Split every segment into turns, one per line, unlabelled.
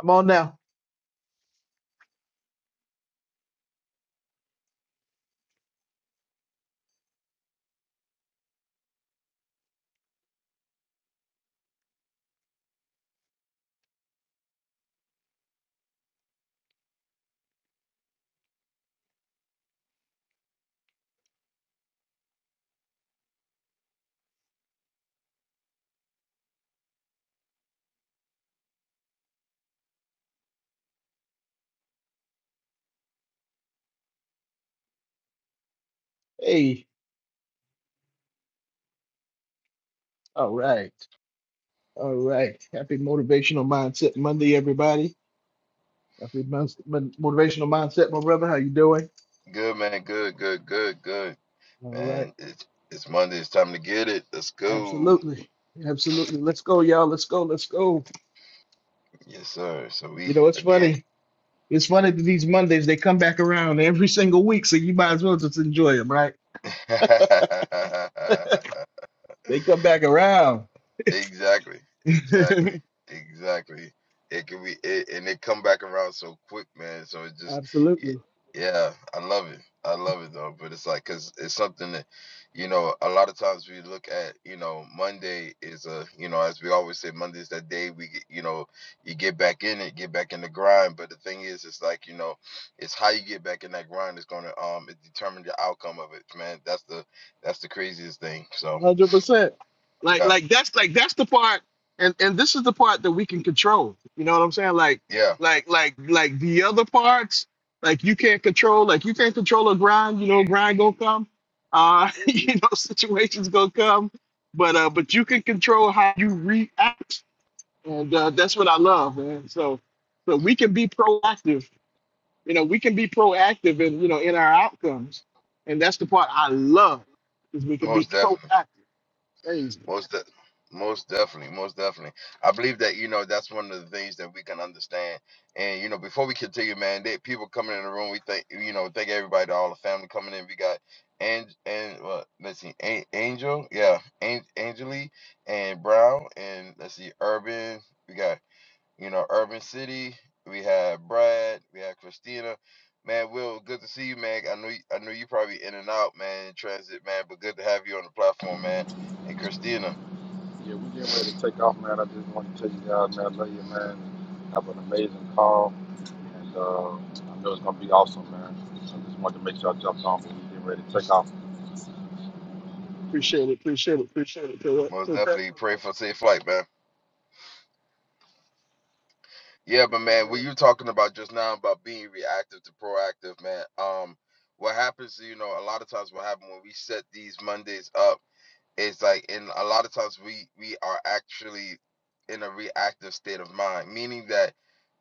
I'm on now. Hey, all right, all right. Happy Motivational Mindset Monday, everybody. Happy Mon- Mon- Motivational Mindset, my brother. How you doing?
Good man, good, good, good, good.
All right,
Man, it's it's Monday, it's time to get it. Let's go.
absolutely, absolutely. Let's go, y'all. Let's go. Let's go.
Yes, sir. So we
You know, it's
again
funny. It's funny that these Mondays they come back around every single week, so you might as well just enjoy them, right? They come back around.
Exactly, exactly, exactly. It can be, it, and it come back around so quick, man. So it just, y-
absolutely.
yeah, I love it. I love it though. But it's like, cause it's something that, you know, a lot of times we look at, you know, Monday is a, you know, as we always say, Monday's that day we, get, you know, you get back in it, get back in the grind. But the thing is, it's like, you know, it's how you get back in that grind is gonna, um, it determine the outcome of it, man. That's the, that's the craziest thing. So
hundred percent. Like
yeah,
like that's like that's the part, and and this is the part that we can control. You know what I'm saying? Like
yeah,
like like like the other parts, like you can't control. Like you can't control a grind. You know, grind gonna come. Uh, you know, situations gonna come. But uh, but you can control how you react, and uh, that's what I love, man. So so we can be proactive. You know, we can be proactive, in you know, in our outcomes, and that's the part I love is we can be
most definitely.
proactive.
Most de- most definitely, most definitely. I believe that you know that's one of the things that we can understand. And you know, before we continue, man, they, people coming in the room, we thank you know, thank everybody, all the family coming in. We got and and what? Let's see, An- Angel, yeah, An- Angeli and Brown, and let's see, Urban. We got you know, Urban City. We have Brad. We have Christina. Man, Will, good to see you, man. I know you, I know you probably in and out, man, in transit, man, but good to have you on the platform, man. And Christina.
Yeah, we getting ready to take off, man. I just want to tell you guys, man, I love you, man. Have an amazing call, and uh, I know it's gonna be awesome, man. I just wanted to make sure I jumped on, but we getting ready to take off.
Appreciate it. Appreciate it. Appreciate it. Philip.
Most
Philip, that's
definitely pray for a safe flight, man. Yeah, but
very
man, what
good.
you talking about just now about being reactive to proactive, man. Um, what happens, you know, a lot of times what happens when we set these Mondays up. it's like and a lot of times we we are actually in a reactive state of mind meaning that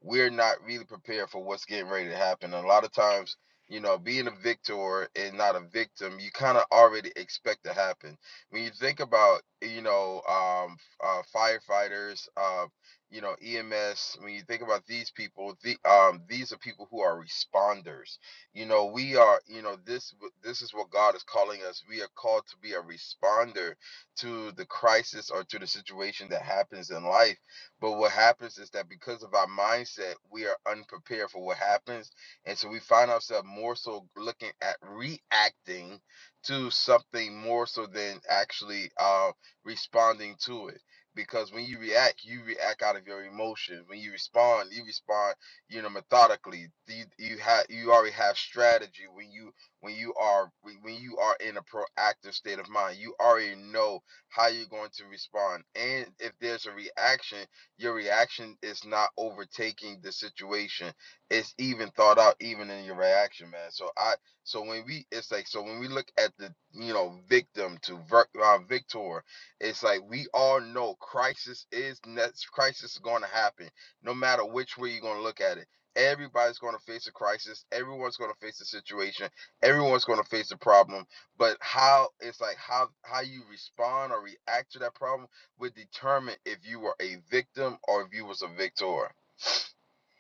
we're not really prepared for what's getting ready to happen and a lot of times you know being a victor and not a victim you kind of already expect to happen when you think about you know um uh, firefighters uh you know ems when you think about these people the um these are people who are responders you know we are you know this this is what god is calling us we are called to be a responder to the crisis or to the situation that happens in life but what happens is that because of our mindset we are unprepared for what happens and so we find ourselves more so looking at reacting to something more so than actually uh, responding to it because when you react you react out of your emotions when you respond you respond you know methodically you, you have you already have strategy when you when you are when you are in a proactive state of mind you already know how you're going to respond and if there's a reaction your reaction is not overtaking the situation it's even thought out even in your reaction man so i so when we it's like so when we look at the you know victim to ver, uh, victor it's like we all know crisis is that's crisis is going to happen no matter which way you're going to look at it. Everybody's going to face a crisis. Everyone's going to face a situation. Everyone's going to face a problem. But how it's like how how you respond or react to that problem would determine if you were a victim or if you was a victor.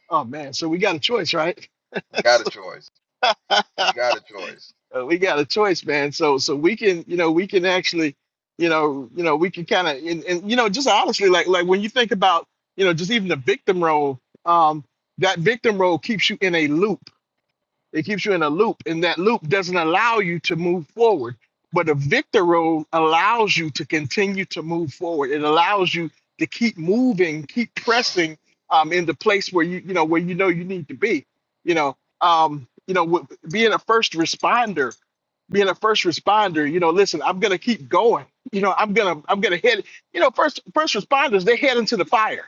Oh man, so we got a choice, right?
You got a
So-
choice. You got a choice.
Uh, we got a choice, man. So so we can, you know, we can actually, you know, you know, we can kind of, and, and you know, just honestly, like like when you think about, you know, just even the victim role, um, that victim role keeps you in a loop It keeps you in a loop, and that loop doesn't allow you to move forward. But a victor road allows you to continue to move forward. It allows you to keep moving, keep pressing um, in the place where you you know where you know you need to be. You know, um, you know, w- being a first responder, being a first responder. You know, listen, I'm gonna keep going. You know, I'm gonna I'm gonna head. You know, first first responders they head into the fire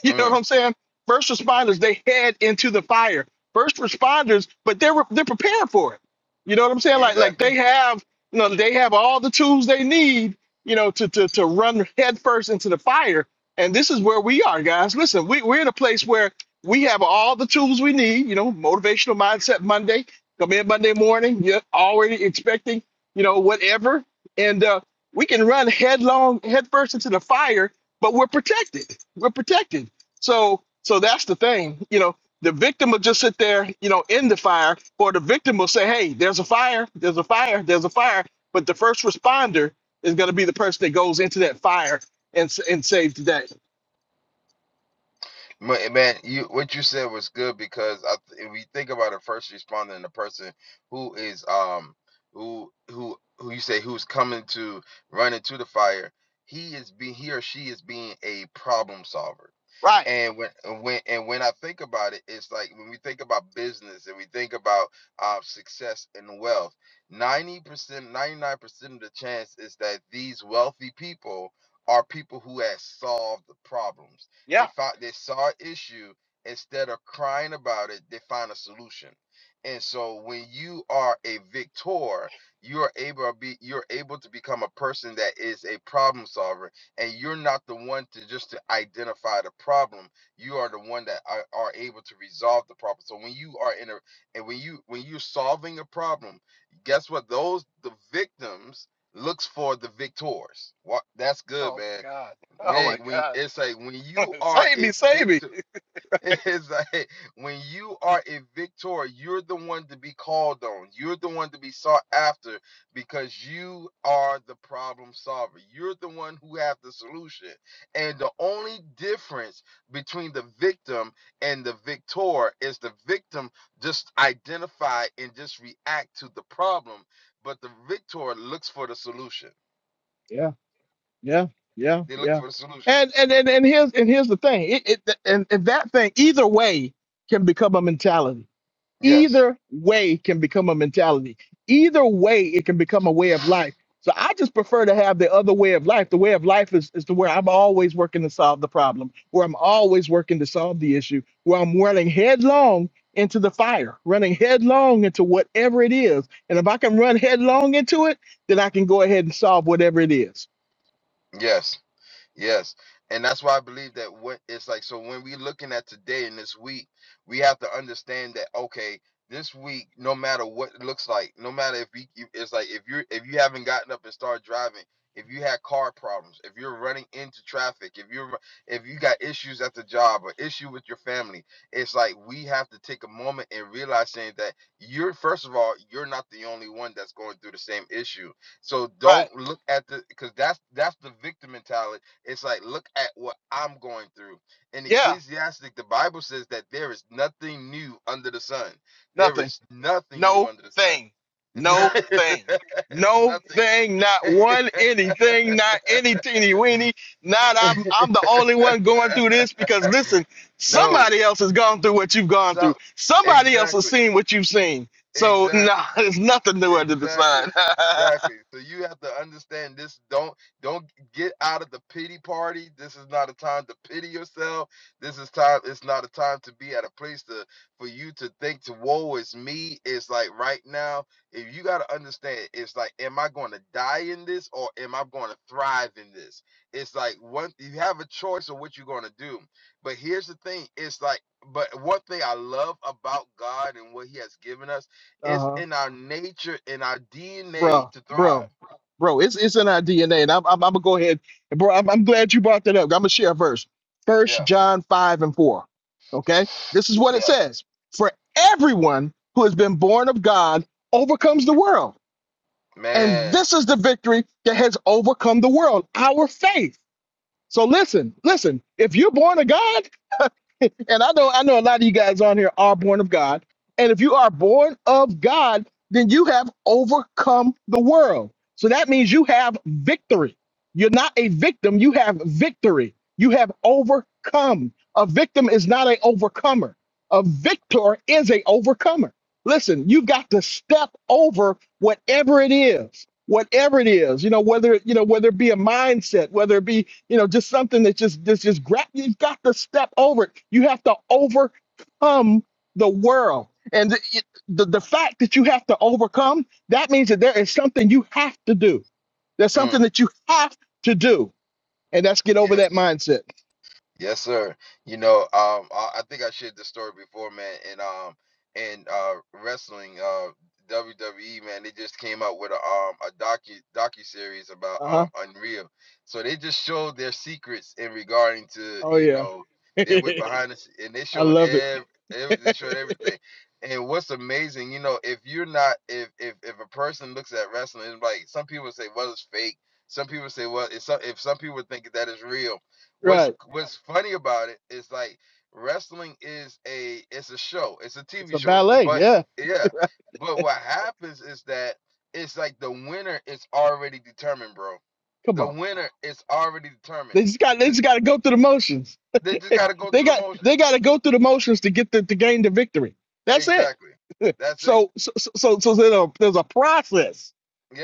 you know what
Mm,
I'm saying? First responders, they head into the fire. First responders, but they're they're prepared for it. You know what I'm saying? Like like
exactly.
they have, you know, they have all the tools they need, you know, to to to run headfirst into the fire. And this is where we are, guys. Listen, we, we're in a place where we have all the tools we need, you know, motivational mindset Monday, come in Monday morning, you're already expecting, you know, whatever. And uh, we can run headlong headfirst into the fire, but we're protected. We're protected so so that's the thing. You know, the victim will just sit there, you know, in the fire, or the victim will say, Hey, there's a fire, there's a fire, there's a fire. But the first responder is gonna be the person that goes into that fire and s- and saves the day.
Ma- Man, you what you said was good because I, th- if we think about a first responder and a person who is um who who who you say who's coming to run into the fire, he is being he or she is being a problem solver
Right.
and when and when and when I think about it, it's like when we think about business and we think about uh, success and wealth, 90%, 99% of the chance is that these wealthy people are people who have solved the problems. They
Yeah.
found they saw an issue instead of crying about it, they find a solution. And so when you are a victor, you are able to be you're able to become a person that is a problem solver and you're not the one to just to identify the problem you are the one that are, are able to resolve the problem so when you are in a and when you when you're solving a problem guess what those the victims looks for the victors what that's good
Oh
man
my God. Oh
man
my
when
God.
it's like when you are
save
a
me, save me.
victim It's like when you are a victor, you're the one to be called on. You're the one to be sought after because you are the problem solver. You're the one who have the solution. And the only difference between the victim and the victor is the victim just identify and just react to the problem, but the victor looks for the solution.
Yeah, yeah, yeah,
They look
yeah.
for the solution.
And and and, and here's and here's the thing. It, it and, and that thing either way can become a mentality
Yes.
Either way can become a mentality. Either way, it can become a way of life. So I just prefer to have the other way of life. The way of life is, is to where I'm always working to solve the problem, where I'm always working to solve the issue, where I'm running headlong into the fire, running headlong into whatever it is. And if I can run headlong into it, then I can go ahead and solve whatever it is.
Yes. Yes. And that's why I believe that what it's like. So when we looking at today and this week, we have to understand that, okay, this week, no matter what it looks like, no matter if we, you- it's like if you're, if you haven't gotten up and started driving, if you had car problems, if you're running into traffic, if you're, if you got issues at the job or issue with your family, it's like we have to take a moment and realize saying that you're, first of all, you're not the only one that's going through the same issue. So don't
Right.
look at the, because that's, that's the victim mentality it's like, look at what I'm going through. In
Yeah.
Ecclesiastic, the Bible says that there is nothing new under the sun. There
Nothing.
is nothing new
No
under the
thing.
sun.
No thing. No
nothing new.
thing. Not one anything. Not any teeny weeny. Not I'm I'm the only one going through this because listen,
No.
somebody else has gone through what you've gone
So
through. Somebody else has
exactly.
seen what you've seen. So nah,
Exactly.
there's nothing new under the
Exactly.
sun.
Exactly. So you have to understand this. Don't don't get out of the pity party. This is not a time to pity yourself. This is time. It's not a time to be at a place to for you to think to woe is me. It's like right now. If you got to understand, it's like, am I going to die in this or am I going to thrive in this? It's like one. You have a choice of what you're going to do. But here's the thing. It's like, but one thing I love about God and what He has given us it's in our nature, in our DNA
bro,
to thrive.
bro, bro. It's it's in our DNA, and I'm I'm, I'm gonna go ahead, and bro. I'm, I'm glad you brought that up. I'm gonna share a verse, First
Yeah,
John five and four. Okay, this is what it
yeah,
says: For everyone who has been born of God overcomes the world, and
man.
this is the victory that has overcome the world, our faith. So listen, listen. If you're born of God and I know I know a lot of you guys on here are born of God. And if you are born of God, then you have overcome the world. So that means you have victory. You're not a victim, you have victory. You have overcome. A victim is not an overcomer. A victor is a overcomer. Listen, you've got to step over whatever it is, whatever it is, you know, whether you know, whether it be a mindset, whether it be you know, just something that just this just grab. You've got to step over it. You have to overcome the world, and the, it- the the fact that you have to overcome that means that there is something you have to do. There's something
Mm,
that you have to do, and that's get over
yeah.
that mindset.
Yes, sir. You know, um, I, I think I shared this story before, man. And um, and uh, wrestling, uh, WWE, man, they just came out with a um a docu docu series about
Uh
um
huh.
Unreal. So they just showed their secrets in regarding to
Oh
you
yeah,
know they went
I
behind us and they showed
love it.
ev ev they showed everything. And what's amazing, you know, if you're not if if if a person looks at wrestling, it's like some people say, well, it's fake. Some people say, well, it's some, if some people think that is real What's
right.
what's funny about it is like wrestling is a it's a show, it's a
It's
TV
a
show, it's-
ballet.
but
Yeah.
yeah, but what happens is that it's like the winner is already determined, bro.
Come
The
on.
winner is already determined.
They just got. They
Th-
just got to go through the motions.
They just got to go
They
through the
got.
motion.
They got to go through the motions to get the to gain the victory. That's it.
Exactly. That's it.
So, so, so, so so there's a, there's a process.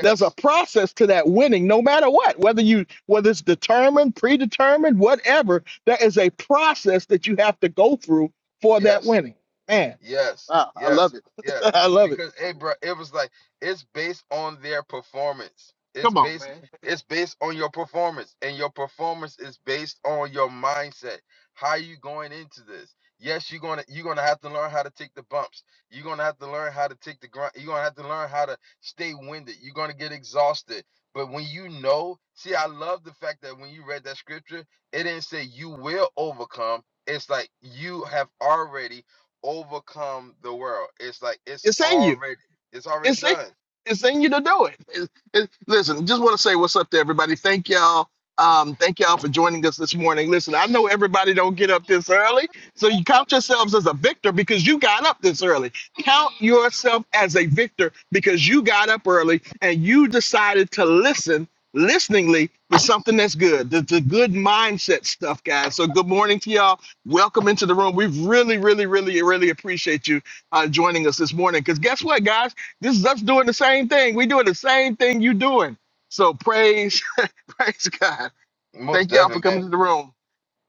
There's a process to that winning, no matter what, whether you whether it's determined, predetermined, whatever. There is a process that you have to go through for that
Yes.
winning. Man,
Yes,
I, I love
yes,
it.
yes.
I love it.
Because hey, bro, it was like it's based on their performance. It's
Come on,
based
man.
it's based on your performance, and your performance is based on your mindset. How you going into this? Yes, you're gonna you're gonna have to learn how to take the bumps. You're gonna have to learn how to take the grunt. You're gonna have to learn how to stay winded. You're gonna get exhausted. But when you know, see, I love the fact that when you read that scripture, it didn't say you will overcome. It's like you have already overcome the world. It's like it's
It's in you.
already it's already
it's in,
done.
it's in you to do it. It- it- Listen, just want to say what's up to everybody. Thank y'all. Um, thank y'all for joining us this morning. Listen, I know everybody don't get up this early, so you count yourselves as a victor because you got up this early. Count yourself as a victor because you got up early and you decided to listen listeningly to something that's good, the, the good mindset stuff, guys. So good morning to y'all. Welcome into the room. We really, really, really, really appreciate you uh, joining us this morning. Because guess what, guys? This is us doing the same thing. We doing the same thing you doing. So praise, praise God.
Most
Thank y'all for
definitely, man.
coming to the room.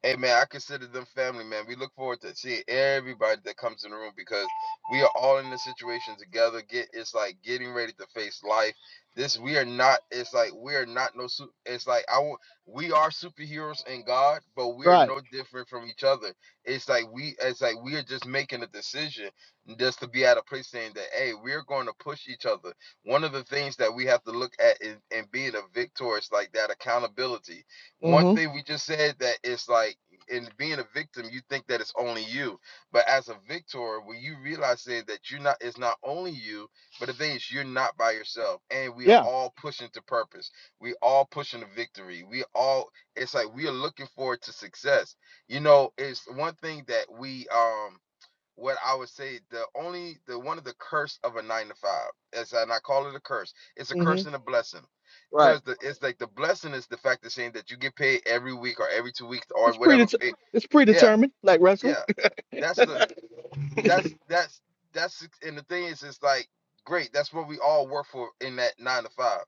Hey man, I consider them family, man. We look forward to seeing everybody that comes in the room because we are all in this situation together. Get it's like getting ready to face life. This we are not. It's like we are not no. su- It's like I wa- we are superheroes in God, but we are
Right.
no different from each other. It's like we. It's like we are just making a decision just to be at a place saying that hey, we're going to push each other. One of the things that we have to look at in, in being a victor is like that accountability one
Mm-hmm.
thing we just said that it's like in being a victim, you think that it's only you. But as a victor, when you realize that that you're not it's not only you, but the thing is you're not by yourself. And we are
Yeah.
all pushing to purpose. We all pushing to victory. We all it's like we are looking forward to success. You know, it's one thing that we um what I would say the only the one of the curse of a nine to five is and I call it a curse. It's a
Mm-hmm.
curse and a blessing.
Right.
Cause the it's like the blessing is the fact of saying that you get paid every week or every two weeks or
It's
whatever. Pay.
predeter- it's
Yeah,
predetermined, like wrestling.
yeah. That's the
yeah.
that's that's that's and the thing is, it's like great. That's what we all work for in that nine to five.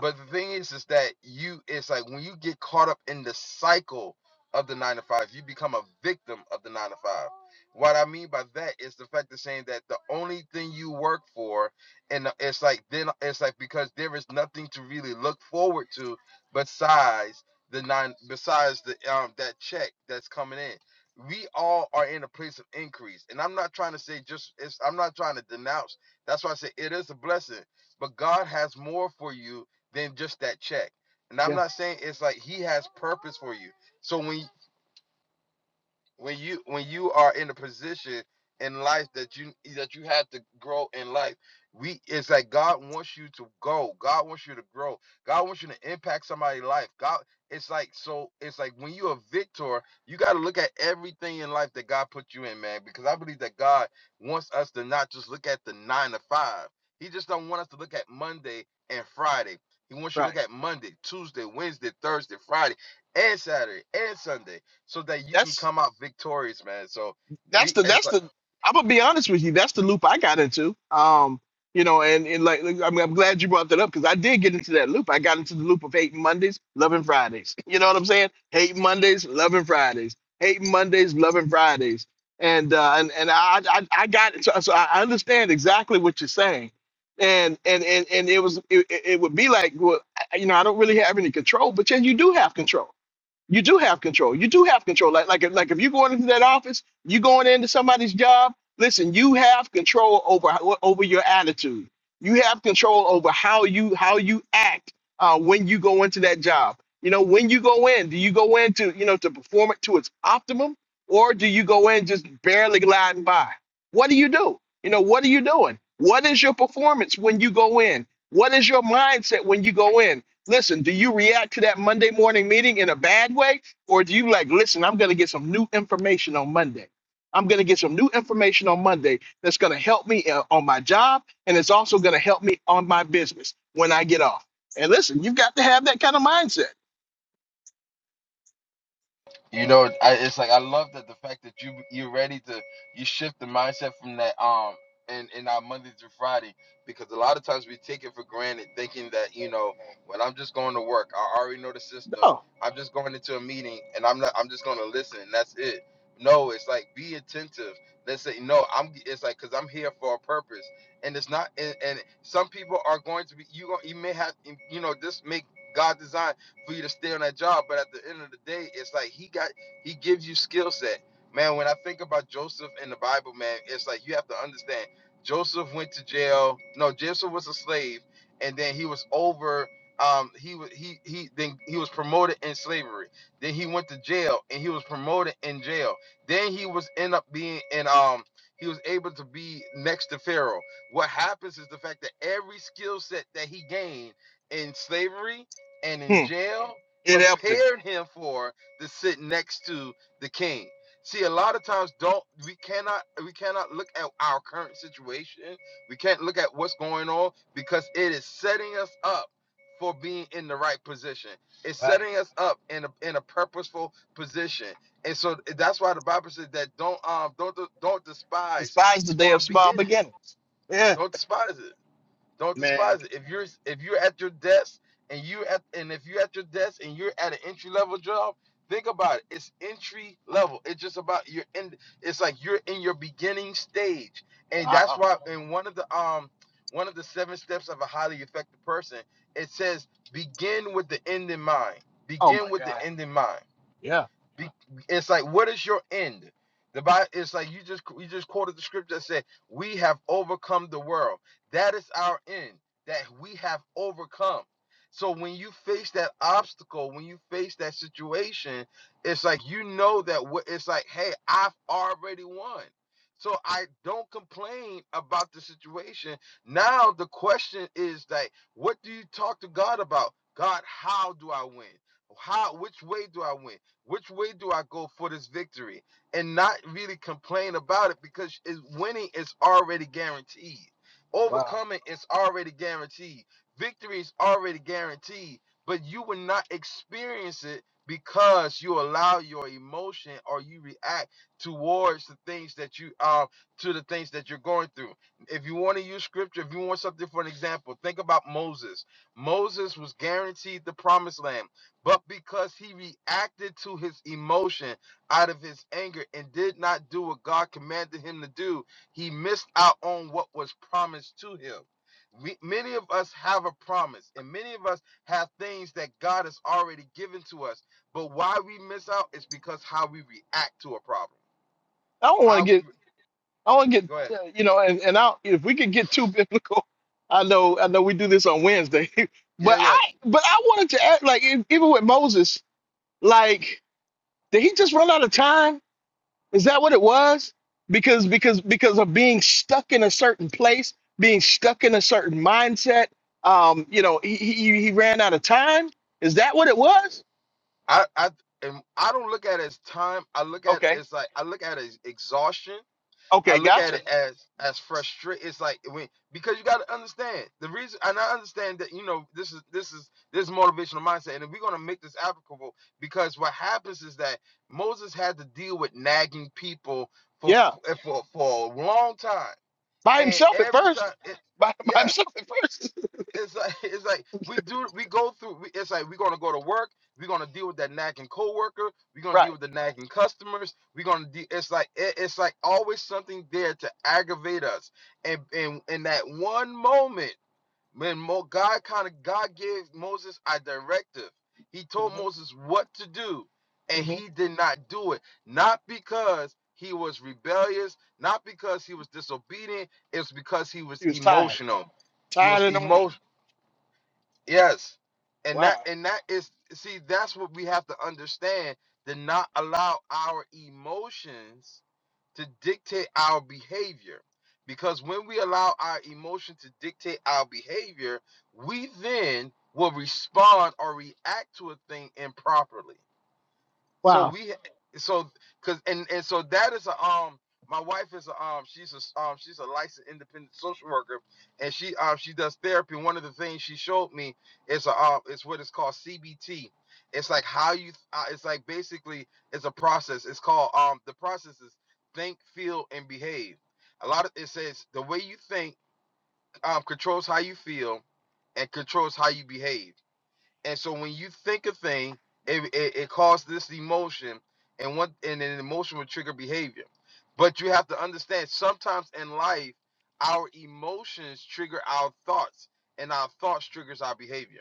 But the thing is, is that you it's like when you get caught up in the cycle of the nine to five, you become a victim of the nine to five. What I mean by that is the fact of saying that the only thing you work for, and it's like then it's like because there is nothing to really look forward to besides the nine, besides the um that check that's coming in. We all are in a place of increase, and I'm not trying to say just it's, I'm not trying to denounce. That's why I say it is a blessing, but God has more for you than just that check. And I'm
Yeah.
not saying it's like he has purpose for you. So when when you when you are in a position in life that you that you have to grow in life we it's like god wants you to go god wants you to grow god wants you to impact somebody's life god it's like so it's like when you're a victor you got to look at everything in life that god put you in man because i believe that god wants us to not just look at the nine to five he just don't want us to look at monday and friday he wants you to
Right.
look at monday tuesday wednesday thursday friday and saturday and sunday so that you can
That's
come out victorious, man. So
that's
we,
the
it's
that's
like
the I'm gonna be honest with you. That's the loop I got into. Um, you know, and, and like like, I'm, I'm glad you brought that up because I did get into that loop. I got into the loop of hating Mondays, loving Fridays. You know what I'm saying? Hating Mondays, loving Fridays. Hating Mondays, loving Fridays. And uh, and and I I, I got so, so I understand exactly what you're saying. And and and and it was it, it it would be like well I- you know I don't really have any control, but yeah, you do have control you do have control. You do have control. Like like if- like if you're going into that office, you going into somebody's job. Listen, you have control over how- over your attitude. You have control over how you how you act uh, when you go into that job. You know when you go in, do you go in to you know to perform it to its optimum, or do you go in just barely gliding by? What do you do? You know what are you doing? What is your performance when you go in? What is your mindset when you go in? Listen, do you react to that Monday morning meeting in a bad way? Or do you like, listen, I'm going to get some new information on Monday? I'm going to get some new information on Monday that's going to help me uh, on my job and it's also going to help me on my business when I get off. And listen, you've got to have that kind of mindset.
You know, I, it's like I love that the fact that you you're ready to you shift the mindset from that um in in our Monday through Friday because a lot of times we take it for granted thinking that you know when I'm just going to work I already know the system
Oh,
I'm just going into a meeting and I'm not I'm just going to listen and that's it no it's like be attentive let's say no I'm it's like because I'm here for a purpose and it's not and, and some people are going to be you gon- you may have you know this make God design for you to stay on that job. But at the end of the day, it's like he got he gives you skill set. Man, when I think about Joseph in the Bible, man, it's like you have to understand Joseph went to jail. No, Joseph was a slave, and then he was over um he was he he then he was promoted in slavery. Then he went to jail and he was promoted in jail. Then he was end up being in um he was able to be next to Pharaoh. What happens is the fact that every skill set that he gained in slavery and in
hmm,
jail
it helped him.
prepared him for to sit next to the king see a lot of times don't we cannot we cannot look at our current situation we can't look at what's going on because it is setting us up for being in the right position it's
Right.
setting us up in a, in a purposeful position and so that's why the bible says that don't um don't don't despise
Despise the day
small
of small
beginning
beginnings. Yeah,
don't despise it don't
man.
despise it. If you're if you're at your desk and you at and if you're at your desk and you're at an entry level job, think about it. It's entry level. It's just about you're in. It's like you're in your beginning stage, and that's
Wow.
why in one of the um one of the seven steps of a highly effective person, it says begin with the end in mind.
Oh, my
Begin with the
God.
end in mind.
Yeah.
Be- It's like, what is your end? The Bible, it's like you just you just quoted the scripture that said, "We have overcome the world." That is our end. That we have overcome. So when you face that obstacle, when you face that situation, it's like you know that what it's like. Hey, I've already won. So I don't complain about the situation. Now the question is like, what do you talk to God about? God, how do I win? How? Which way do I win? Which way do I go for this victory? And not really complain about it because is winning is already guaranteed.
Wow.
Overcoming is already guaranteed. Victory is already guaranteed. But you will not experience it because you allow your emotion or you react towards the things that you um to the things that you're going through. If you want to use scripture, if you want something for an example, think about Moses. Moses was guaranteed the promised land but because he reacted to his emotion out of his anger and did not do what God commanded him to do, he missed out on what was promised to him. We, many of us have a promise, and many of us have things that God has already given to us. But why we miss out is because how we react to a problem.
I don't want to
How
get
we re-
I want to get,
go ahead.
uh, you know, and, and I, if we could get too biblical, I know, I know we do this on Wednesday, but
Yeah, yeah.
I, but I wanted to add, like, e- even with Moses, like, did he just run out of time? Is that what it was? Because, because, because of being stuck in a certain place, being stuck in a certain mindset, um, you know, he, he, he ran out of time. Is that what it was?
I, I, and I don't look at it as time. I look at it
Okay.
as like I look at it as exhaustion I
Okay.
look at
Gotcha.
it as as frustra It's like when because you got to understand the reason, and I understand that you know this is this is this is motivational mindset, and we're gonna make this applicable because what happens is that Moses had to deal with nagging people for
Yeah.
for for, for a long time,
By
and
himself at
every
first.
time, it,
By, by
yeah,
himself at first.
it's like it's like we do we go through we, it's like we're gonna go to work we're gonna deal with that nagging coworker we're gonna
right.
deal with the nagging customers we're gonna de- it's like it, it's like always something there to aggravate us and and in that one moment when Mo, god kind of god gave moses a directive he told moses what to do and
hmm
he did not do it not because he was rebellious not because he was disobedient it's because he was
He was tired,
emotional he
tired
was
and
emo.
emotional.
Yes. And that
Wow,
and that is see that's what we have to understand to not allow our emotions to dictate our behavior. Because when we allow our emotion to dictate our behavior, we then will respond or react to a thing improperly. So
wow,
we so cause and and so that is a um my wife is a um she's a um she's a licensed independent social worker and she um she does therapy. One of the things she showed me is a um it's what is called CBT. It's like how you uh, it's like basically it's a process. It's called um the process is think, feel, and behave. A lot of it says the way you think um controls how you feel and controls how you behave. And so when you think a thing, it, it, it causes this emotion, and one and an emotion will trigger behavior. But you have to understand sometimes in life, our emotions trigger our thoughts, and our thoughts triggers our behavior.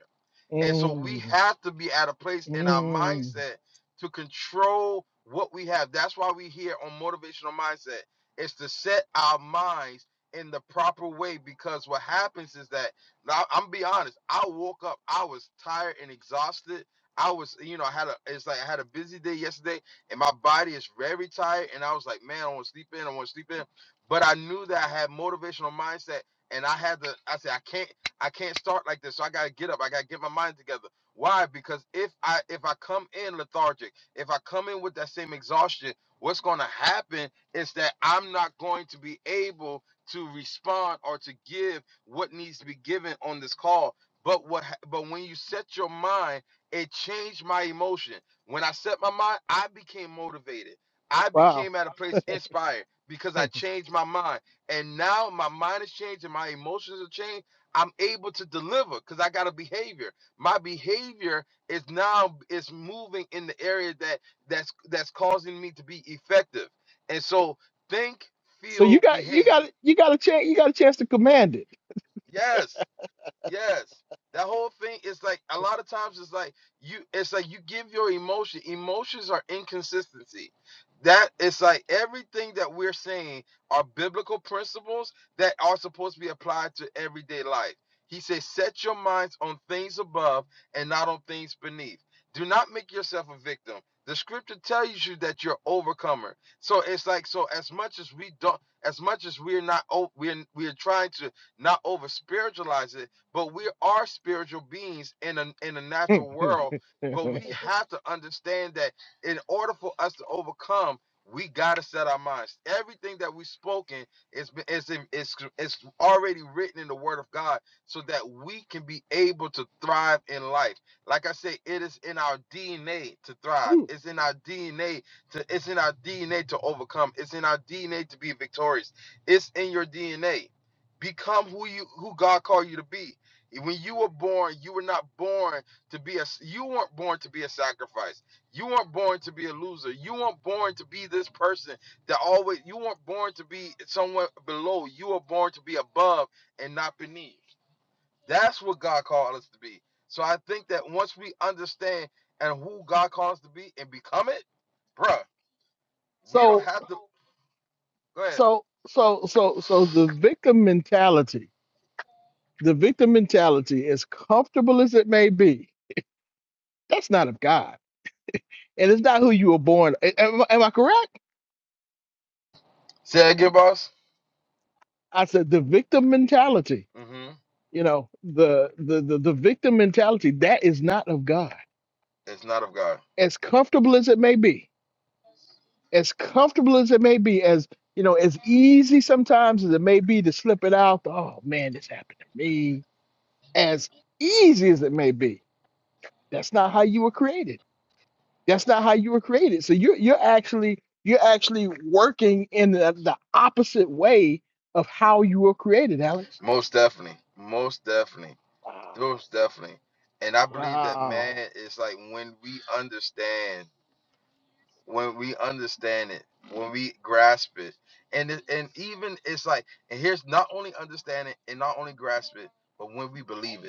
And so we
mm,
have to be at a place in our
mm,
mindset to control what we have. That's why we here on motivational mindset is to set our minds in the proper way because what happens is that now I'm be honest, I woke up, I was tired and exhausted. I was, you know, I had a it's like I had a busy day yesterday and my body is very tired and I was like, man, I want to sleep in, I want to sleep in. But I knew that I had motivational mindset and I had to I said I can't I can't start like this. So I gotta get up. I gotta get my mind together. Why? Because if I if I come in lethargic, if I come in with that same exhaustion, what's gonna happen is that I'm not going to be able to respond or to give what needs to be given on this call. But what ha- but when you set your mind, it changed my emotion. When I set my mind, I became motivated. I
wow.
became at a place inspired because I changed my mind. And now my mind is changed and my emotions are changed I'm able to deliver because I got a behavior. My behavior is now is moving in the area that that's that's causing me to be effective. And so think,
So you
feel,
got you
behave.
got you got a chance you got a chance to command
Yes Yes. That whole thing is like a lot of times it's like you it's like you give your emotion. Emotions are inconsistency. That it's like everything that we're saying are biblical principles that are supposed to be applied to everyday life. He says, set your minds on things above and not on things beneath. Do not make yourself a victim. The scripture tells you that you're overcomer. So it's like so as much as we don't as much as we're not o- we're we're trying to not over spiritualize it but we are spiritual beings in a in a
it.
natural world. But we have to understand that in order for us to overcome, we gotta set our minds. Everything that we've spoken is is in- is is already written in the Word of God, so that we can be able to thrive in life. Like I say, it is in our DNA to thrive.
Ooh.
It's in our DNA to it's in our DNA to overcome. It's in our DNA to be victorious. It's in your DNA. Become who you who God called you to be when you were born, you were not born to be a you weren't born to be a sacrifice. You weren't born to be a loser. You weren't born to be this person that always you weren't born to be someone below. You were born to be above and not beneath. That's what God called us to be. So I think that once we understand and who God calls us to be and become it, bruh, we don't
so
have to go ahead.
so so so so the victim mentality, the victim mentality, as comfortable as it may be, that's not of God, and it's not who you were born. a- Am, am I correct?
Say that again, boss.
I said the victim mentality.
Mm-hmm.
You know the the the, the victim mentality that is not of God
It's not of God.
as comfortable as it may be, as comfortable as it may be, as you know, as easy sometimes as it may be to slip it out, oh man, this happened to me. As easy as it may be, that's not how you were created. That's not how you were created. So you're you're actually you're actually working in the, the opposite way of how you were created, Alex.
Most definitely. Most definitely.
Wow.
Most definitely. And I believe that man
Wow.
is like when we understand, when we understand it, when we grasp it. And it, and even it's like, and here's not only understand it and not only grasp it, but when we believe it.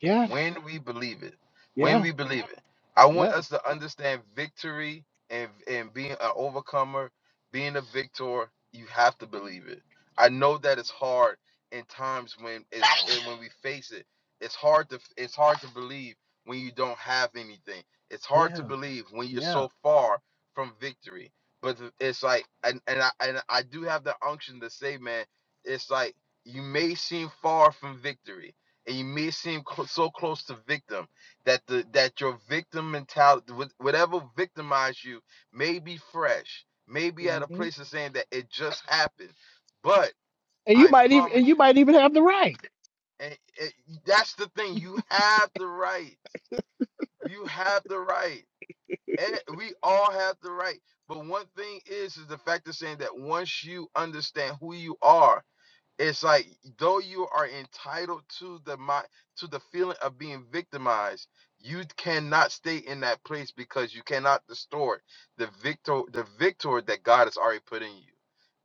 Yeah.
When we believe it, when
Yeah.
we believe it, I want
Yeah.
us to understand victory and and being an overcomer, being a victor. You have to believe it. I know that it's hard in times when it's when we face it. It's hard to it's hard to believe when you don't have anything. It's hard to
Yeah.
believe when you're
Yeah.
so far from victory. But it's like and and I and I do have the unction to say, man, it's like you may seem far from victory and you may seem cl- so close to victim that the that your victim mentality wh- whatever victimized you may be fresh may be at
hmm
a place of saying that it just happened but
And you
i
might even
promise
and you
you
might even have the right.
and it, that's the thing you have the right you have the right and we all have the right but one thing is is the fact of saying that once you understand who you are it's like though you are entitled to the mi- to the feeling of being victimized you cannot stay in that place because you cannot distort the victor the victor that god has already put in you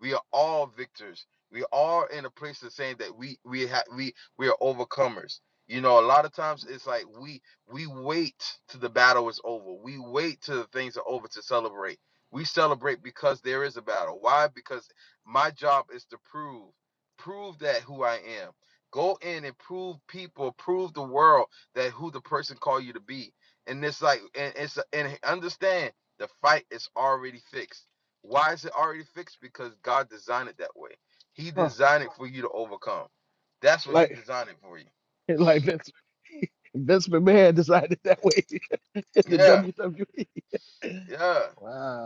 we are all victors we are in a place of saying that we we have we we are overcomers you know a lot of times it's like we we wait till the battle is over we wait till the things are over to celebrate we celebrate because there is a battle why because my job is to prove prove that who I am. Go in and prove people, prove the world that who the person called you to be. And it's like, and it's and understand the fight is already fixed. Why is it already fixed? Because God designed it that way. He
Huh.
designed it for you to overcome. That's what He
Like
designed it for you.
like Vince, Vince McMahon decided that way in the
Yeah.
WWE.
Yeah.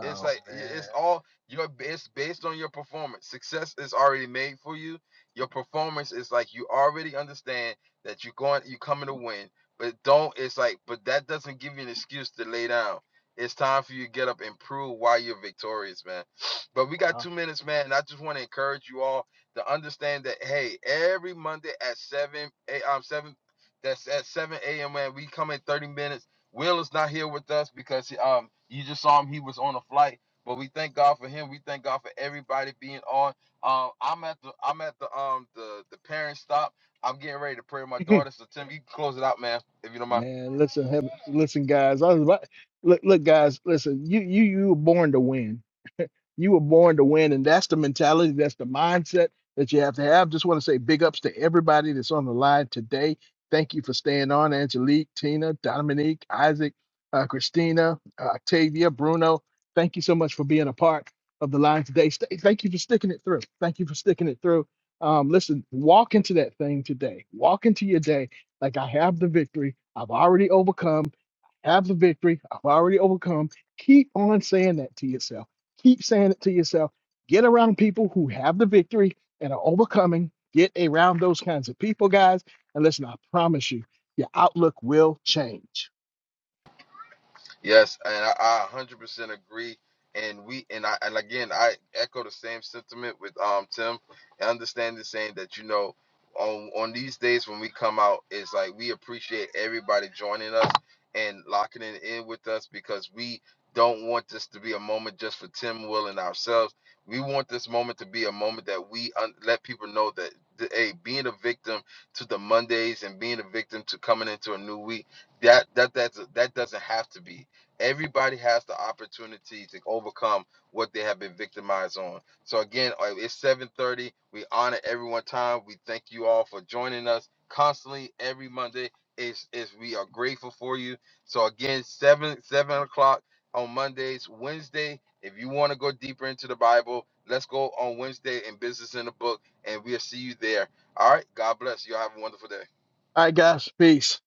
It's like i- it's
man.
all your b- it's based on your performance. Success is already made for you. Your performance is like you already understand that you're going you're coming to win. But don't it's like but that doesn't give you an excuse to lay down. It's time for you to get up and prove why you're victorious, man. But we got two minutes, man, and I just want to encourage you all to understand that hey, every Monday at seven a um seven that's at seven a.m. man, we come in thirty minutes Will is not here with us because he, um you just saw him he was on a flight, but we thank God for him. We thank God for everybody being on. Um, I'm at the I'm at the um the the parent stop. I'm getting ready to pray with my
Wow.
daughter. So Tim, you can close it out, man, if you don't mind.
Man, listen, him, listen, guys. I was about, look, look, guys. Listen, you, you, you were born to win. You were born to win, and that's the mentality, that's the mindset that you have to have. Just want to say big ups to everybody that's on the line today. Thank you for staying on, Angelique, Tina, Dominique, Isaac, uh, Christina, uh, Octavia, Bruno. Thank you so much for being a part of the line today. Stay, thank you for sticking it through. Thank you for sticking it through. Um, listen, walk into that thing today. Walk into your day like I have the victory. I've already overcome have the victory. I've already overcome. Keep on saying that to yourself Keep saying it to yourself. Get around people who have the victory and are overcoming. Get around those kinds of people, guys. And listen, I promise you, your outlook will change.
Yes, and I, I 100% agree. And we and I and again I echo the same sentiment with um Tim. I understand the saying that you know on on these days when we come out, it's like we appreciate everybody joining us and locking it in with us because we don't want this to be a moment just for Tim, Will, and ourselves. We want this moment to be a moment that we un- let people know that the, hey, being a victim to the Mondays and being a victim to coming into a new week that that that's that doesn't have to be. Everybody has the opportunity to overcome what they have been victimized on. So again, uh, it's 7:30. We honor everyone time. We thank you all for joining us constantly every Monday. Is is we are grateful for you. So again, seven seven o'clock on Mondays, Wednesday. If you want to go deeper into the Bible, let's go on Wednesday in Business in the Book, and we'll see you there. All right. God bless you. Have a wonderful day.
All right, guys, peace.